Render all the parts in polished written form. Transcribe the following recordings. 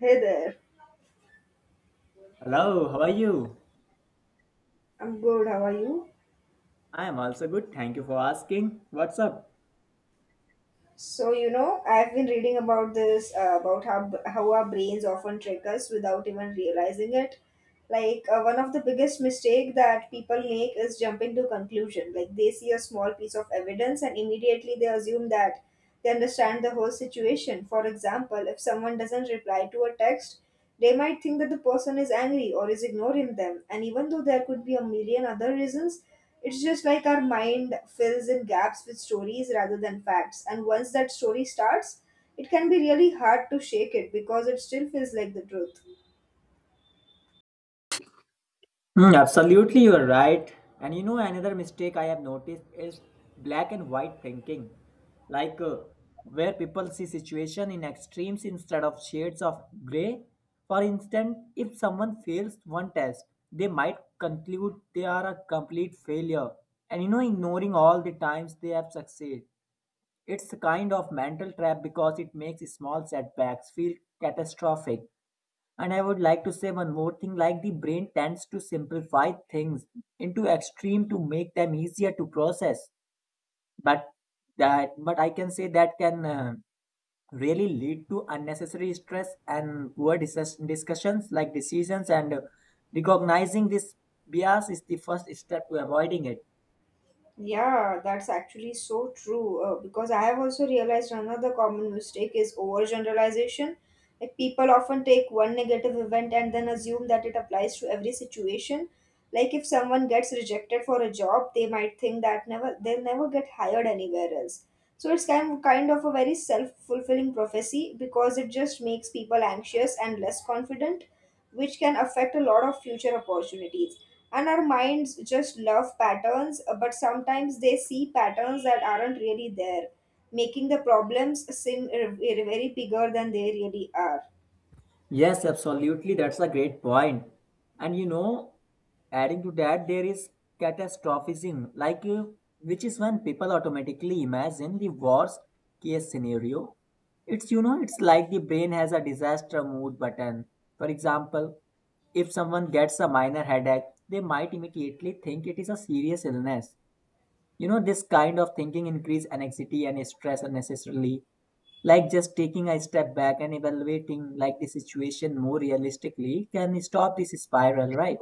Hey there. Hello, how are you? I'm good. How are you? I am also good. Thank you for asking. What's up? So, I've been reading about this, about how our brains often trick us without even realizing it. Like, one of the biggest mistake that people make is jumping to conclusion. Like, they see a small piece of evidence and immediately they assume that they understand the whole situation. For example, if someone doesn't reply to a text, they might think that the person is angry or is ignoring them, and even though there could be a million other reasons, it's just like our mind fills in gaps with stories rather than facts. And once that story starts, it can be really hard to shake it because it still feels like the truth. Hmm, absolutely, you are right. And you know, another mistake I have noticed is black and white thinking, like uh, where people see situation in extremes instead of shades of gray. For instance, if someone fails one test, they might conclude they are a complete failure, and you know, ignoring all the times they have succeeded. It's a kind of mental trap because it makes small setbacks feel catastrophic. And I would like to say one more thing like the brain tends to simplify things into extreme to make them easier to process. But that but I can say that can really lead to unnecessary stress and poor discussions like decisions and recognizing this bias is the first step to avoiding it. Yeah, that's actually so true. Because I have also realized another common mistake is overgeneralization. Like people often take one negative event and then assume that it applies to every situation. Like if someone gets rejected for a job, they might think that never they'll never get hired anywhere else. So it's kind of a very self-fulfilling prophecy because it just makes people anxious and less confident, which can affect a lot of future opportunities. And our minds just love patterns, but sometimes they see patterns that aren't really there, making the problems seem very bigger than they really are. Yes, absolutely. That's a great point. And you know, adding to that, there is catastrophism, which is when people automatically imagine the worst case scenario. It's you know, it's like the brain has a disaster mode button. For example, if someone gets a minor headache, they might immediately think it is a serious illness. You know, this kind of thinking increase anxiety and stress unnecessarily. Like just taking a step back and evaluating like the situation more realistically can stop this spiral, right?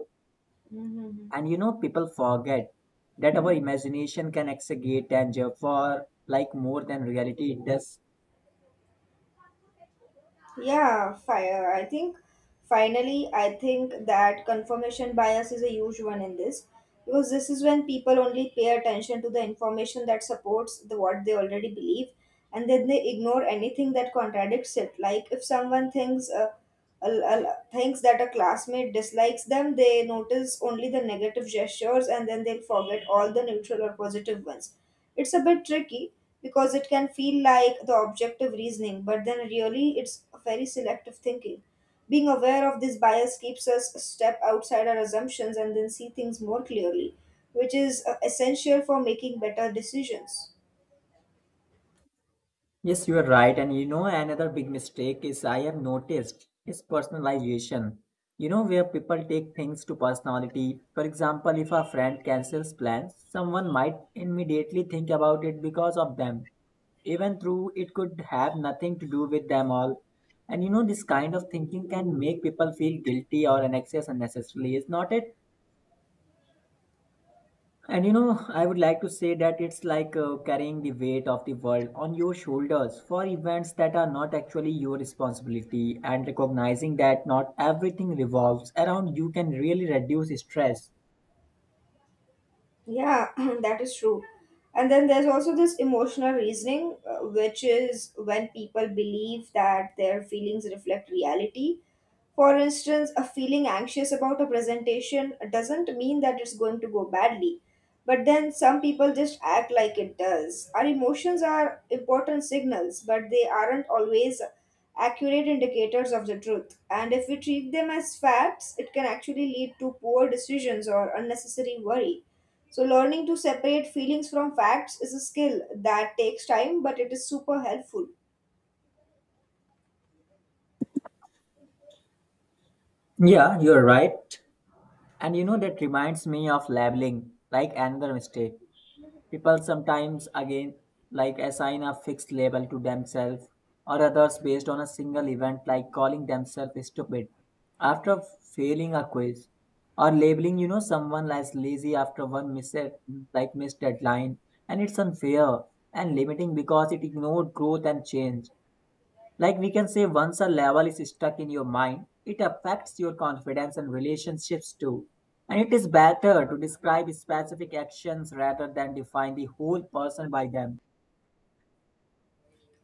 Mm-hmm. And you know, people forget that our imagination can exaggerate danger for like more than reality it does. Yeah, fire. I think Finally, I think that confirmation bias is a huge one in this, because this is when people only pay attention to the information that supports the what they already believe, and then they ignore anything that contradicts it. Like if someone thinks thinks that a classmate dislikes them, they notice only the negative gestures and then they'll forget all the neutral or positive ones. It's a bit tricky because it can feel like the objective reasoning, but then really it's a very selective thinking. Being aware of this bias keeps us a step outside our assumptions and then see things more clearly, which is essential for making better decisions. Yes, you are right. And you know, another big mistake is I have noticed is personalization. You know, where people take things to personality. For example, if a friend cancels plans, someone might immediately think about it because of them, even though it could have nothing to do with them all. And you know, this kind of thinking can make people feel guilty or anxious unnecessarily, is not it? And you know, I would like to say that it's carrying the weight of the world on your shoulders for events that are not actually your responsibility, and recognizing that not everything revolves around you can really reduce stress. Yeah, that is true. And then there's also this emotional reasoning, which is when people believe that their feelings reflect reality. For instance, a feeling anxious about a presentation doesn't mean that it's going to go badly. But then some people just act like it does. Our emotions are important signals, but they aren't always accurate indicators of the truth. And if we treat them as facts, it can actually lead to poor decisions or unnecessary worry. So, learning to separate feelings from facts is a skill that takes time, but it is super helpful. Yeah, you're right. And you know, that reminds me of labeling like another mistake. People sometimes, again, like assign a fixed label to themselves or others based on a single event, like calling themselves stupid after failing a quiz, or labeling, you know, someone as lazy after one missed, like missed deadline. And it's unfair and limiting because it ignored growth and change. Like we can say, once a level is stuck in your mind, it affects your confidence and relationships too. And it is better to describe specific actions rather than define the whole person by them.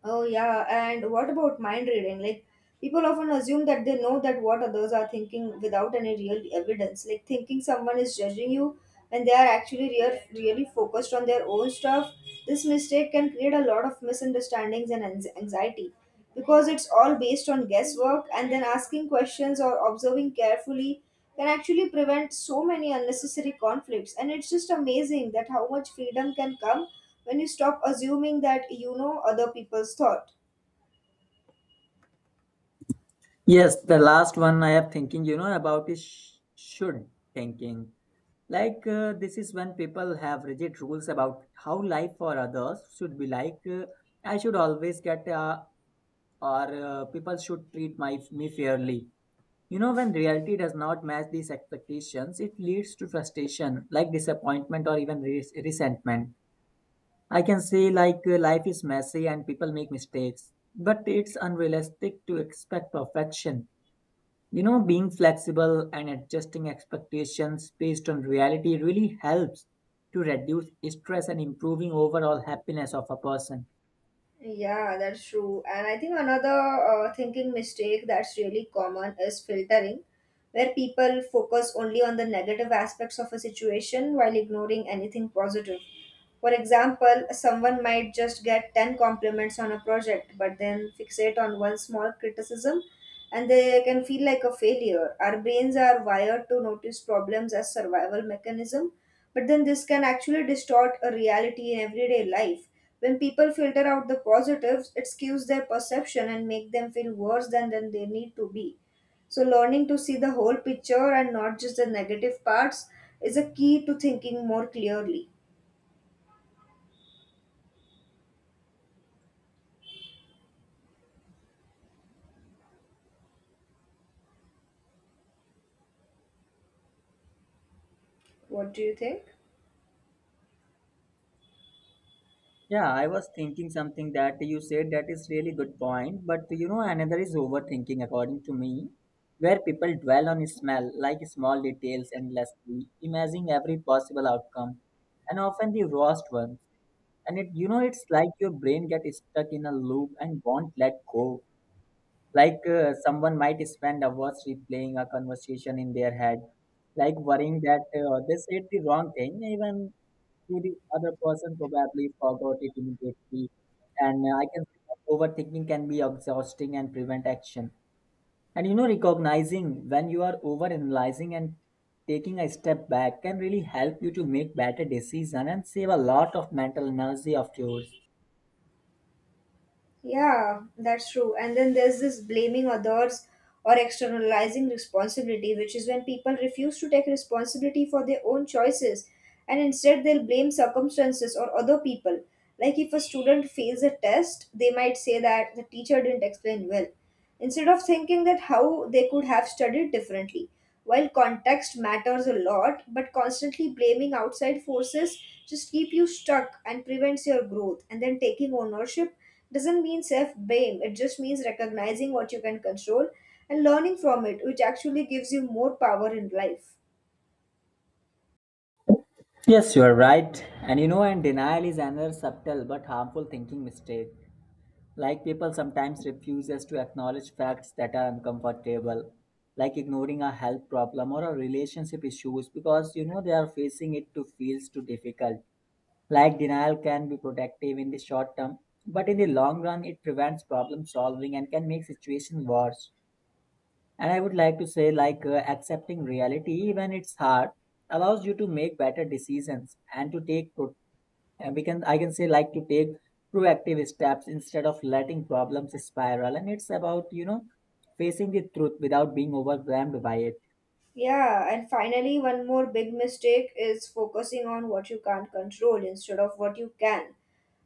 Oh, yeah. And what about mind reading? Like, people often assume that they know that what others are thinking without any real evidence. Like, thinking someone is judging you when they are actually really focused on their own stuff. This mistake can create a lot of misunderstandings and anxiety, because it's all based on guesswork, and then asking questions or observing carefully can actually prevent so many unnecessary conflicts. And it's just amazing that how much freedom can come when you stop assuming that you know other people's thought. Yes, the last one I have thinking, you know, about is should thinking. This is when people have rigid rules about how life for others should be like. I should always get, or people should treat my me fairly. You know, when reality does not match these expectations, it leads to frustration, like disappointment or even resentment. I can say, life is messy and people make mistakes, but it's unrealistic to expect perfection. You know, being flexible and adjusting expectations based on reality really helps to reduce stress and improving overall happiness of a person. Yeah, that's true. And I think another thinking mistake that's really common is filtering, where people focus only on the negative aspects of a situation while ignoring anything positive. For example, someone might just get 10 compliments on a project but then fixate on one small criticism and they can feel like a failure. Our brains are wired to notice problems as survival mechanism, but then this can actually distort a reality in everyday life. When people filter out the positives, it skews their perception and make them feel worse than they need to be. So learning to see the whole picture and not just the negative parts is a key to thinking more clearly. What do you think? Yeah, I was thinking something that you said that is really good point, but you know another is overthinking according to me, where people dwell on smell like small details endlessly, imagining every possible outcome, and often the worst ones. And it you know it's like your brain gets stuck in a loop and won't let go. Someone might spend hours replaying a conversation in their head, like worrying that they said the wrong thing, even to the other person probably forgot it immediately. And I can see that overthinking can be exhausting and prevent action. And you know, recognizing when you are overanalyzing and taking a step back can really help you to make better decision and save a lot of mental energy of yours. Yeah, that's true. And then there's this blaming others or externalizing responsibility, which is when people refuse to take responsibility for their own choices and instead they'll blame circumstances or other people. Like if a student fails a test, they might say that the teacher didn't explain well instead of thinking that how they could have studied differently. While context matters a lot, but constantly blaming outside forces just keep you stuck and prevents your growth. And then taking ownership doesn't mean self blame, it just means recognizing what you can control and learning from it, which actually gives you more power in life. Yes, you are right. And you know, and denial is another subtle but harmful thinking mistake. Like people sometimes refuses to acknowledge facts that are uncomfortable, like ignoring a health problem or a relationship issues because you know they are facing it to feels too difficult. Like denial can be protective in the short term, but in the long run it prevents problem solving and can make situation worse. And I would like to say, accepting reality when it's hard allows you to make better decisions and to take and we can I can say like to take proactive steps instead of letting problems spiral, and it's about you know facing the truth without being overwhelmed by it. Yeah, and finally, one more big mistake is focusing on what you can't control instead of what you can.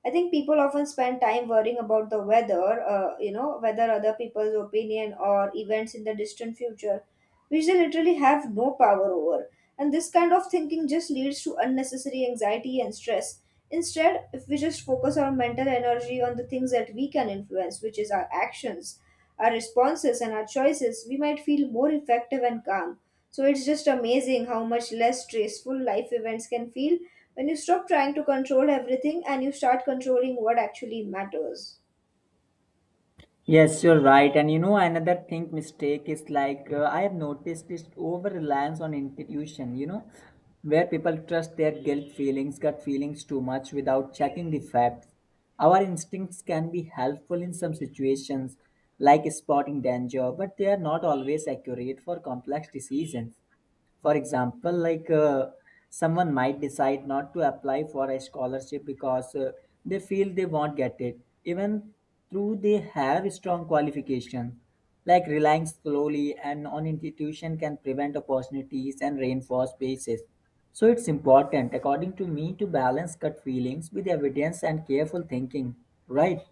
I think people often spend time worrying about the weather, whether other people's opinion or events in the distant future which they literally have no power over. And this kind of thinking just leads to unnecessary anxiety and stress. Instead, if we just focus our mental energy on the things that we can influence, which is our actions, our responses, and our choices, we might feel more effective and calm. So it's just amazing how much less stressful life events can feel when you stop trying to control everything and you start controlling what actually matters. Yes, you're right. And you know, another thing mistake is I have noticed this over reliance on intuition, you know, where people trust their guilt feelings, gut feelings too much without checking the facts. Our instincts can be helpful in some situations, like spotting danger, but they are not always accurate for complex decisions, for example someone might decide not to apply for a scholarship because they feel they won't get it even though they have strong qualifications. Like relying slowly and on institution can prevent opportunities and reinforce biases. So it's important according to me to balance gut feelings with evidence and careful thinking, right?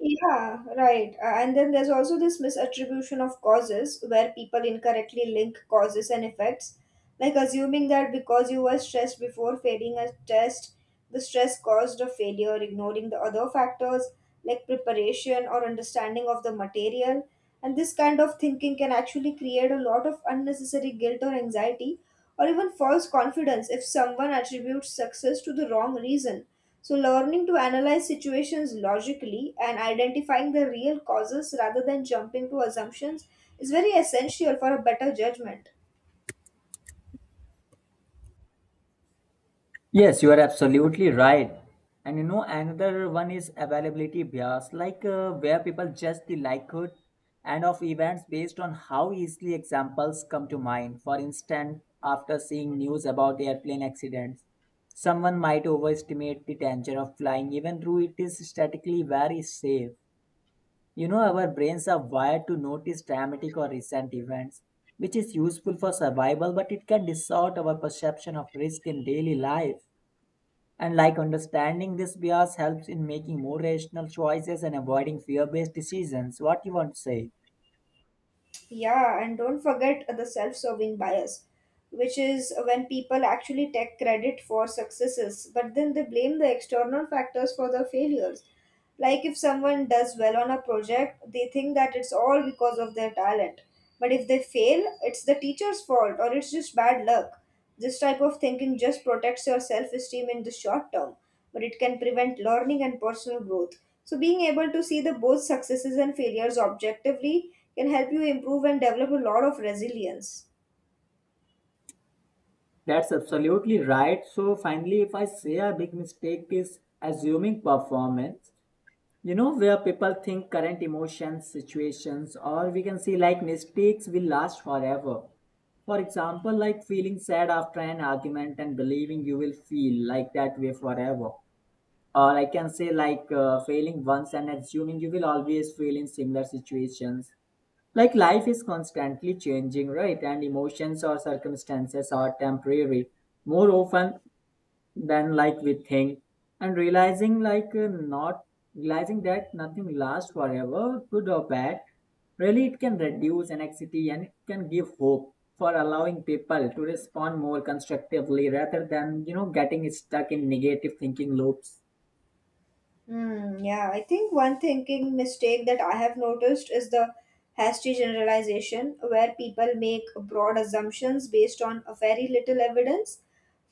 Yeah, right. And then there's also this misattribution of causes where people incorrectly link causes and effects, like assuming that because you were stressed before failing a test, the stress caused a failure, ignoring the other factors like preparation or understanding of the material. And this kind of thinking can actually create a lot of unnecessary guilt or anxiety, or even false confidence if someone attributes success to the wrong reason. So, learning to analyze situations logically and identifying the real causes rather than jumping to assumptions is very essential for a better judgment. Yes, you are absolutely right. And you know, another one is availability bias, where people judge the likelihood and of events based on how easily examples come to mind. For instance, after seeing news about airplane accidents, someone might overestimate the danger of flying, even though it is statistically very safe. You know, our brains are wired to notice dramatic or recent events, which is useful for survival, but it can distort our perception of risk in daily life. And like understanding this bias helps in making more rational choices and avoiding fear based decisions. What you want to say? Yeah, and don't forget the self serving bias, which is when people actually take credit for successes, but then they blame the external factors for the failures. Like if someone does well on a project, they think that it's all because of their talent. But if they fail, it's the teacher's fault or it's just bad luck. This type of thinking just protects your self esteem in the short term, but it can prevent learning and personal growth. So, being able to see the both successes and failures objectively can help you improve and develop a lot of resilience. That's absolutely right. So finally, if I say a big mistake is assuming performance, you know, where people think current emotions, situations, or we can see like mistakes will last forever. For example, like feeling sad after an argument and believing you will feel like that way forever, or I can say failing once and assuming you will always fail in similar situations. Like life is constantly changing, right? And emotions or circumstances are temporary more often than like we think, and realizing not realizing that nothing lasts forever good or bad, really it can reduce anxiety and it can give hope for allowing people to respond more constructively rather than you know getting stuck in negative thinking loops. Hmm, yeah, I think one thinking mistake that I have noticed is the hasty generalization, where people make broad assumptions based on a very little evidence.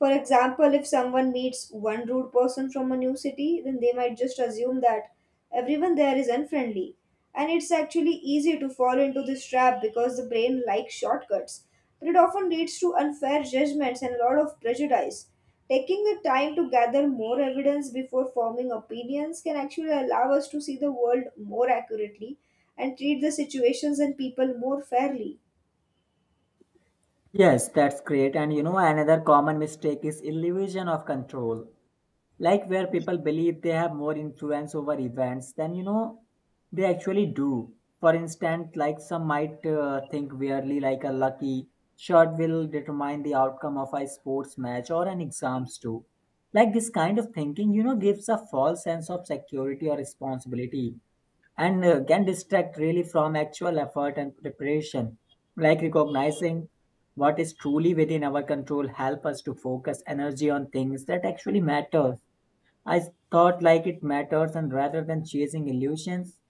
For example, if someone meets one rude person from a new city, then they might just assume that everyone there is unfriendly, and it's actually easy to fall into this trap because the brain likes shortcuts. But it often leads to unfair judgments and a lot of prejudice. Taking the time to gather more evidence before forming opinions can actually allow us to see the world more accurately and treat the situations and people more fairly. Yes, that's great. And you know, another common mistake is illusion of control. Like where people believe they have more influence over events than you know they actually do. For instance, like some might think weirdly like a lucky shot will determine the outcome of a sports match or an exams too. Like this kind of thinking, you know, gives a false sense of security or responsibility and can distract really from actual effort and preparation. Like recognizing what is truly within our control help us to focus energy on things that actually matter. I thought like it matters and rather than chasing illusions.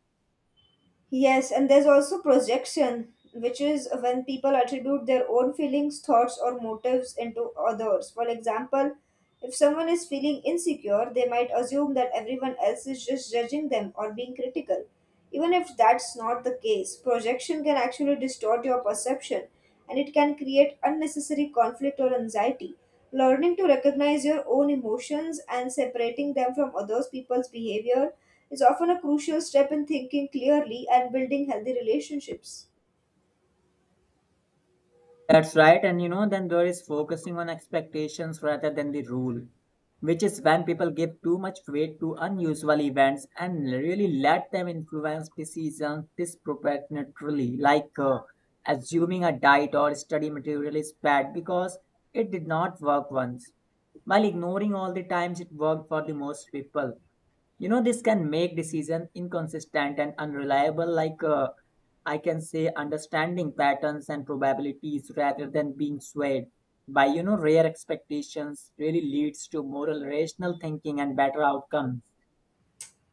Yes, and there's also projection, which is when people attribute their own feelings, thoughts, or motives into others. For example, if someone is feeling insecure, they might assume that everyone else is just judging them or being critical. Even if that's not the case, projection can actually distort your perception and it can create unnecessary conflict or anxiety. Learning to recognize your own emotions and separating them from others people's behavior is often a crucial step in thinking clearly and building healthy relationships. That's right. And you know, then there is focusing on expectations rather than the rule, which is when people give too much weight to unusual events and really let them influence decisions disproportionately, assuming a diet or study material is bad because it did not work once, while ignoring all the times it worked for the most people. You know this can make decision inconsistent and unreliable, I can say understanding patterns and probabilities rather than being swayed by you know rare expectations really leads to moral rational thinking and better outcomes.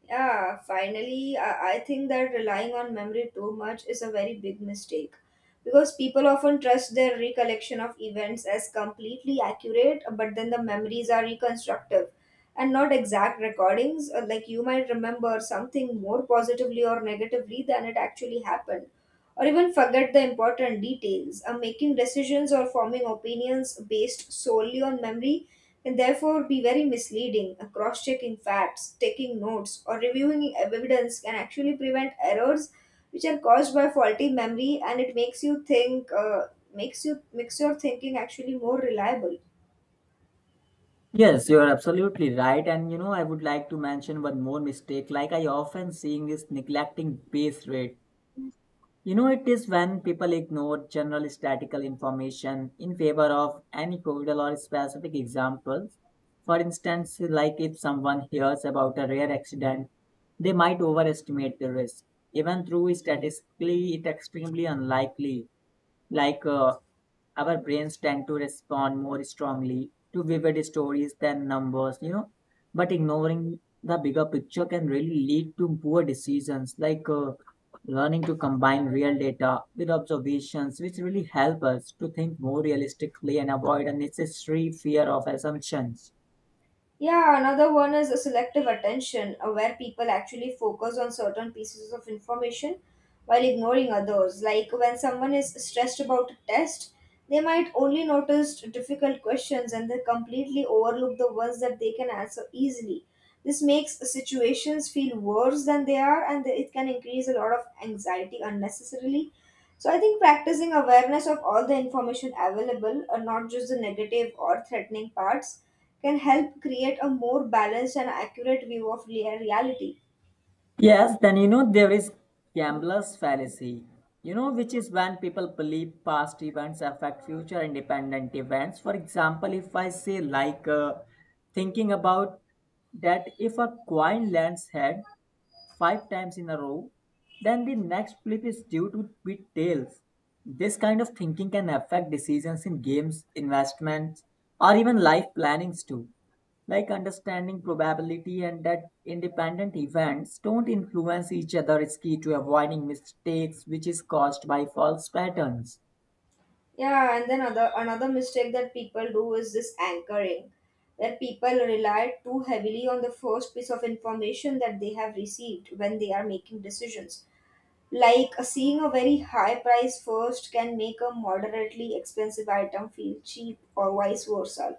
Yeah, finally, I think that relying on memory too much is a very big mistake because people often trust their recollection of events as completely accurate, but then the memories are reconstructive and not exact recordings. Like you might remember something more positively or negatively than it actually happened or even forget the important details. Making decisions or forming opinions based solely on memory can therefore be very misleading. Cross checking facts, taking notes, or reviewing evidence can actually prevent errors which are caused by faulty memory and it makes you makes your thinking actually more reliable. Yes, you are absolutely right. And you know, I would like to mention one more mistake. Like I often seeing is neglecting base rate. You know, it is when people ignore general statistical information in favor of anecdotal or specific examples. For instance, like if someone hears about a rare accident, they might overestimate the risk, even though statistically it's extremely unlikely. Like uh, our brains tend to respond more strongly to vivid stories than numbers, you know. But ignoring the bigger picture can really lead to poor decisions, learning to combine real data with observations, which really help us to think more realistically and avoid unnecessary fear of assumptions. Yeah, another one is a selective attention, where people actually focus on certain pieces of information while ignoring others. Like when someone is stressed about a test, they might only notice difficult questions and they completely overlook the ones that they can answer easily. This makes situations feel worse than they are, and it can increase a lot of anxiety unnecessarily, so I think practicing awareness of all the information available, and not just the negative or threatening parts, can help create a more balanced and accurate view of reality. Yes, then you know there is gambler's fallacy, you know, which is when people believe past events affect future independent events. For example, if I say, like, thinking about that if a coin lands head, five times in a row, then the next flip is due to be tails. This kind of thinking can affect decisions in games, investments, or even life plannings too. Like understanding probability and that independent events don't influence each other is key to avoiding mistakes which is caused by false patterns. Yeah, and then other another mistake that people do is this anchoring, where people rely too heavily on the first piece of information that they have received when they are making decisions. Like seeing a very high price first can make a moderately expensive item feel cheap, or vice versa.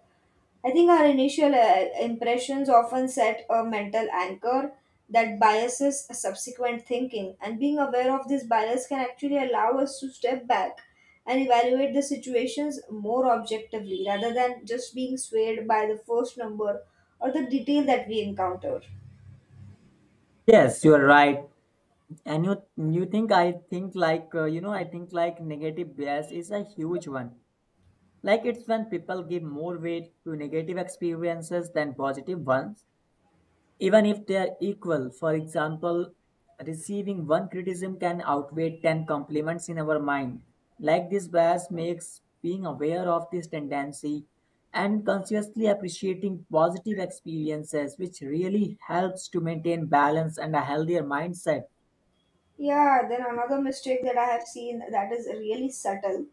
I think our initial impressions often set a mental anchor that biases subsequent thinking, and being aware of this bias can actually allow us to step back and evaluate the situations more objectively rather than just being swayed by the first number or the detail that we encounter. Yes, you are right. And you think I think like you know I think like negative bias is a huge one. Like it's when people give more weight to negative experiences than positive ones, even if they are equal. For example, receiving one criticism can outweigh 10 compliments in our mind. Like this bias makes being aware of this tendency and consciously appreciating positive experiences, which really helps to maintain balance and a healthier mindset. Yeah, then another mistake that I have seen that is really subtle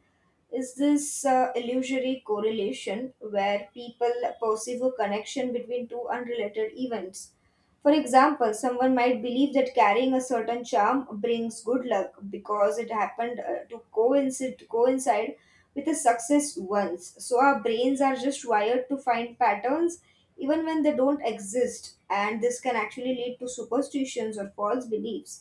is this illusory correlation where people perceive a connection between two unrelated events. For example, someone might believe that carrying a certain charm brings good luck because it happened to coincide with a success once. So our brains are just wired to find patterns even when they don't exist, and this can actually lead to superstitions or false beliefs.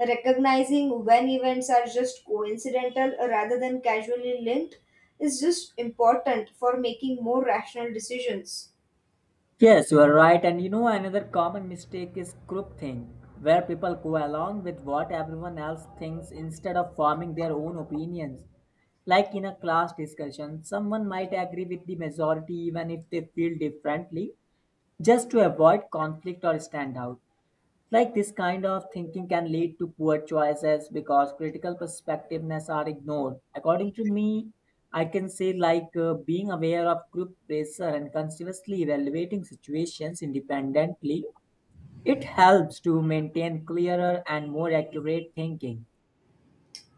Recognizing when events are just coincidental rather than casually linked is just important for making more rational decisions. Yes, you are right. And you know, another common mistake is groupthink, where people go along with what everyone else thinks instead of forming their own opinions. Like in a class discussion, someone might agree with the majority even if they feel differently, just to avoid conflict or stand out. Like this kind of thinking can lead to poor choices because critical perspectiveness are ignored. According to me, I can say like being aware of group pressure and continuously evaluating situations independently, it helps to maintain clearer and more accurate thinking.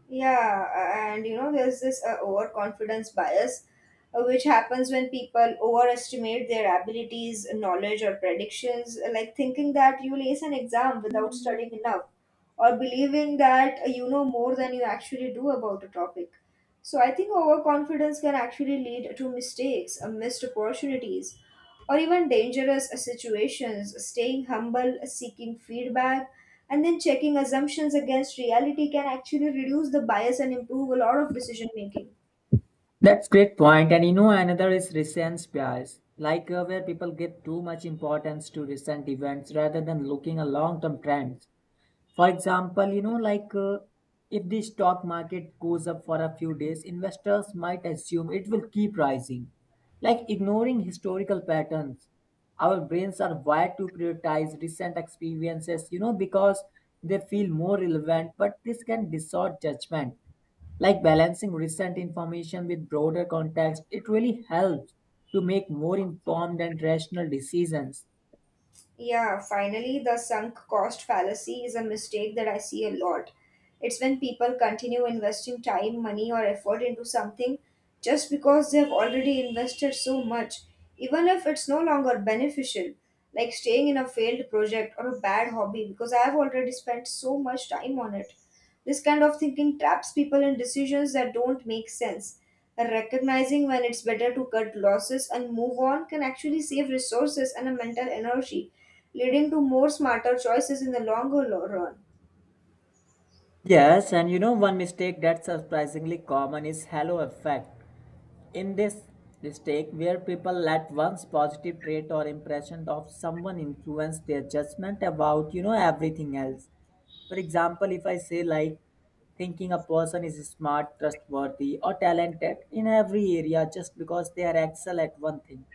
Yeah, and you know, there's this overconfidence bias, which happens when people overestimate their abilities, knowledge, or predictions, like thinking that you'll ace an exam without studying enough, or believing that you know more than you actually do about a topic. So I think overconfidence can actually lead to mistakes, missed opportunities, or even dangerous situations. Staying humble, seeking feedback, and then checking assumptions against reality can actually reduce the bias and improve a lot of decision making. That's great point. And you know, another is recent bias, where people give too much importance to recent events rather than looking at long-term trends. For example, if the stock market goes up for a few days, investors might assume it will keep rising, like ignoring historical patterns. Our brains are wired to prioritize recent experiences, you know, because they feel more relevant, but this can distort judgment. Like balancing recent information with broader context, it really helps to make more informed and rational decisions. Yeah, finally, the sunk cost fallacy is a mistake that I see a lot. It's when people continue investing time, money, or effort into something just because they have already invested so much, even if it's no longer beneficial, like staying in a failed project or a bad hobby because I have already spent so much time on it. This kind of thinking traps people in decisions that don't make sense. Recognizing when it's better to cut losses and move on can actually save resources and a mental energy, leading to more smarter choices in the longer run. Yes, and you know one mistake that's surprisingly common is halo effect. In this mistake, where people let one's positive trait or impression of someone influence their judgment about you know everything else. For example, if I say like thinking a person is smart, trustworthy, or talented in every area just because they are excel at one thing,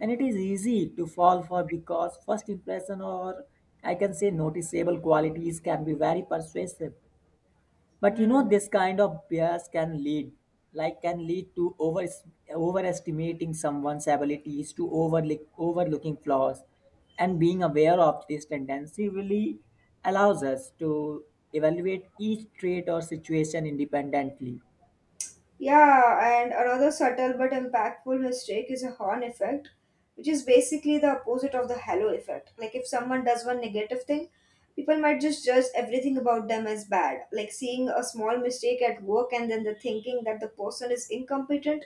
and it is easy to fall for because first impression or I can say noticeable qualities can be very persuasive, but you know Hmm. this kind of bias can lead can lead to overestimating someone's abilities, to overlooking flaws, and being aware of this tendency really allows us to evaluate each trait or situation independently. Yeah, and another subtle but impactful mistake is a horn effect, which is basically the opposite of the halo effect. Like if someone does one negative thing, people might just judge everything about them as bad, like seeing a small mistake at work and then the thinking that the person is incompetent.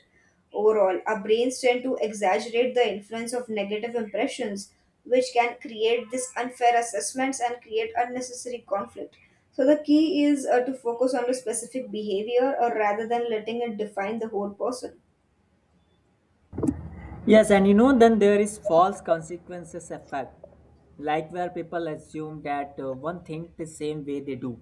Overall, our brains tend to exaggerate the influence of negative impressions, which can create these unfair assessments and create unnecessary conflict. So the key is to focus on the specific behavior or rather than letting it define the whole person. Yes, and you know then there is false consequences effect, like where people assume that one think the same way they do,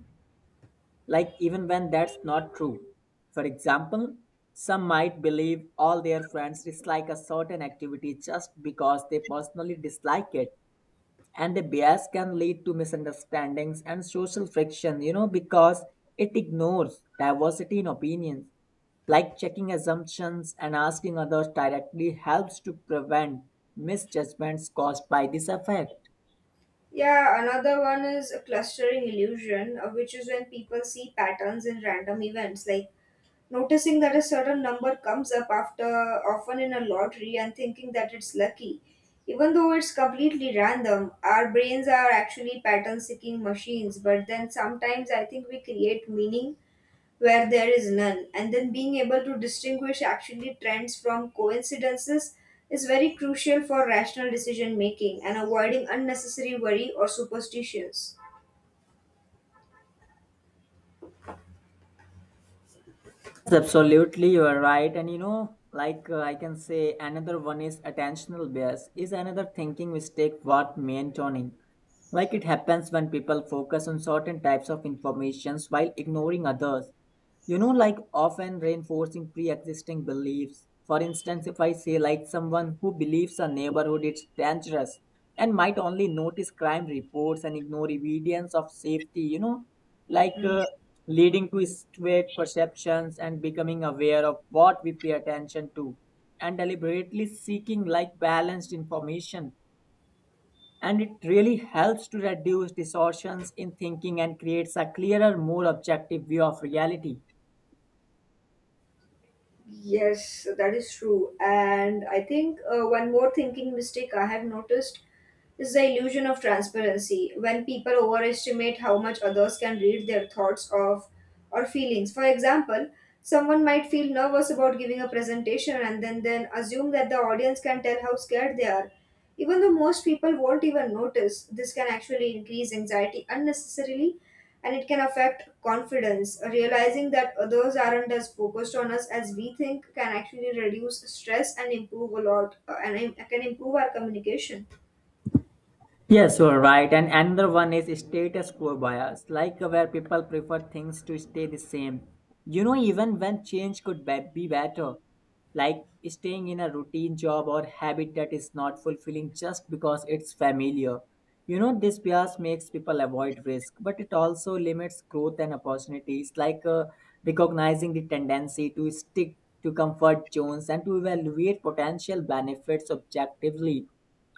like even when that's not true. For example, some might believe all their friends dislike a certain activity just because they personally dislike it, and the bias can lead to misunderstandings and social friction, you know, because it ignores diversity in opinions. Like checking assumptions and asking others directly helps to prevent misjudgments caused by this affair. Yeah, another one is a clustering illusion, which is when people see patterns in random events, like noticing that a certain number comes up after often in a lottery and thinking that it's lucky, even though it's completely random. Our brains are actually pattern seeking machines, but then sometimes I think we create meaning where there is none, and then being able to distinguish actually trends from coincidences is very crucial for rational decision making and avoiding unnecessary worry or superstitions. Yes, absolutely, you are right. And you know, I can say, another one is attentional bias, is another thinking mistake worth maintaining. Like it happens when people focus on certain types of informations while ignoring others, you know, like often reinforcing pre-existing beliefs. For instance, if I say like someone who believes a neighborhood it's dangerous and might only notice crime reports and ignore evidence of safety, you know, like uh, leading to skewed perceptions, and becoming aware of what we pay attention to and deliberately seeking like balanced information, and it really helps to reduce distortions in thinking and creates a clearer more objective view of reality. Yes, that is true. And I think one more thinking mistake I have noticed is the illusion of transparency, when people overestimate how much others can read their thoughts of or feelings. For example, someone might feel nervous about giving a presentation and then assume that the audience can tell how scared they are, even though most people won't even notice. This can actually increase anxiety unnecessarily and it can affect confidence. Realizing that others aren't as focused on us as we think can actually reduce stress and improve a lot, can improve our communication. Yes, you are right. And another one is status quo bias, like where people prefer things to stay the same. You know, even when change could be better, like staying in a routine job or habit that is not fulfilling just because it's familiar. You know, this bias makes people avoid risk, but it also limits growth and opportunities. Recognizing the tendency to stick to comfort zones and to evaluate potential benefits objectively,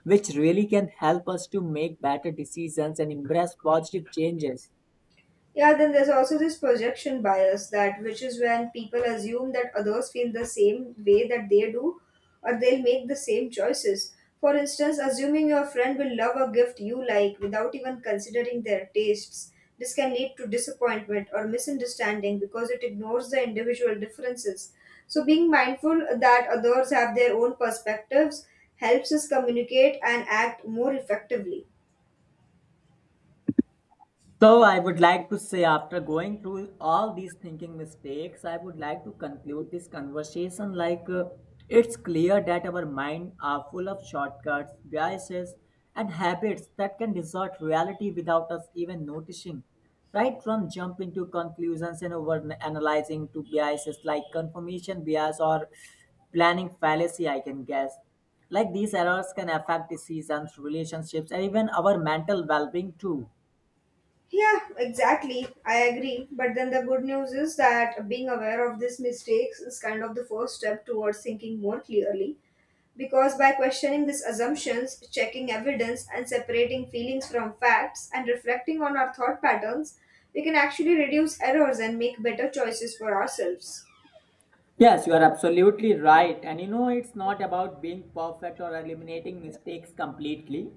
which really can help us to make better decisions and embrace positive changes. Yeah, then there's also this projection bias that which is when people assume that others feel the same way that they do or they'll make the same choices. For instance, assuming your friend will love a gift you like without even considering their tastes. This can lead to disappointment or misunderstanding because it ignores the individual differences. So being mindful that others have their own perspectives helps us communicate and act more effectively. So, I would like to say, after going through all these thinking mistakes, I would like to conclude this conversation it's clear that our mind are full of shortcuts, biases, and habits that can distort reality without us even noticing. Right from jumping to conclusions and over analyzing to biases like confirmation bias or planning fallacy, I can guess. Like these errors can affect decisions, relationships, and even our mental well being too. Yeah, exactly. I agree. But then the good news is that being aware of these mistakes is kind of the first step towards thinking more clearly. Because by questioning these assumptions, checking evidence, and separating feelings from facts, and reflecting on our thought patterns, we can actually reduce errors and make better choices for ourselves. Yes, you are absolutely right. And you know, it's not about being perfect or eliminating mistakes completely.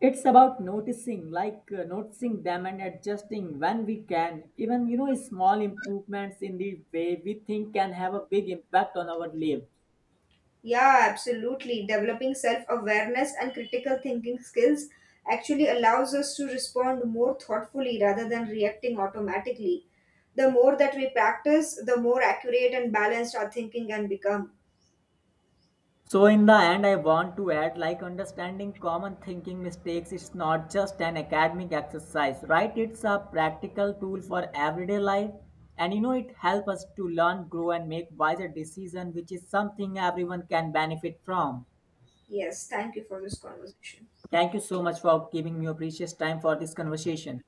It's about noticing, noticing them and adjusting when we can. Even, you know, small improvements in the way we think can have a big impact on our life. Yeah, absolutely. Developing self awareness and critical thinking skills actually allows us to respond more thoughtfully rather than reacting automatically. The more that we practice, the more accurate and balanced our thinking can become. So in the end, I want to add like understanding common thinking mistakes is not just an academic exercise, right? It's a practical tool for everyday life. And you know, it helps us to learn, grow, and make wiser decisions, which is something everyone can benefit from. Yes, thank you for this conversation. Thank you so much for giving me your precious time for this conversation.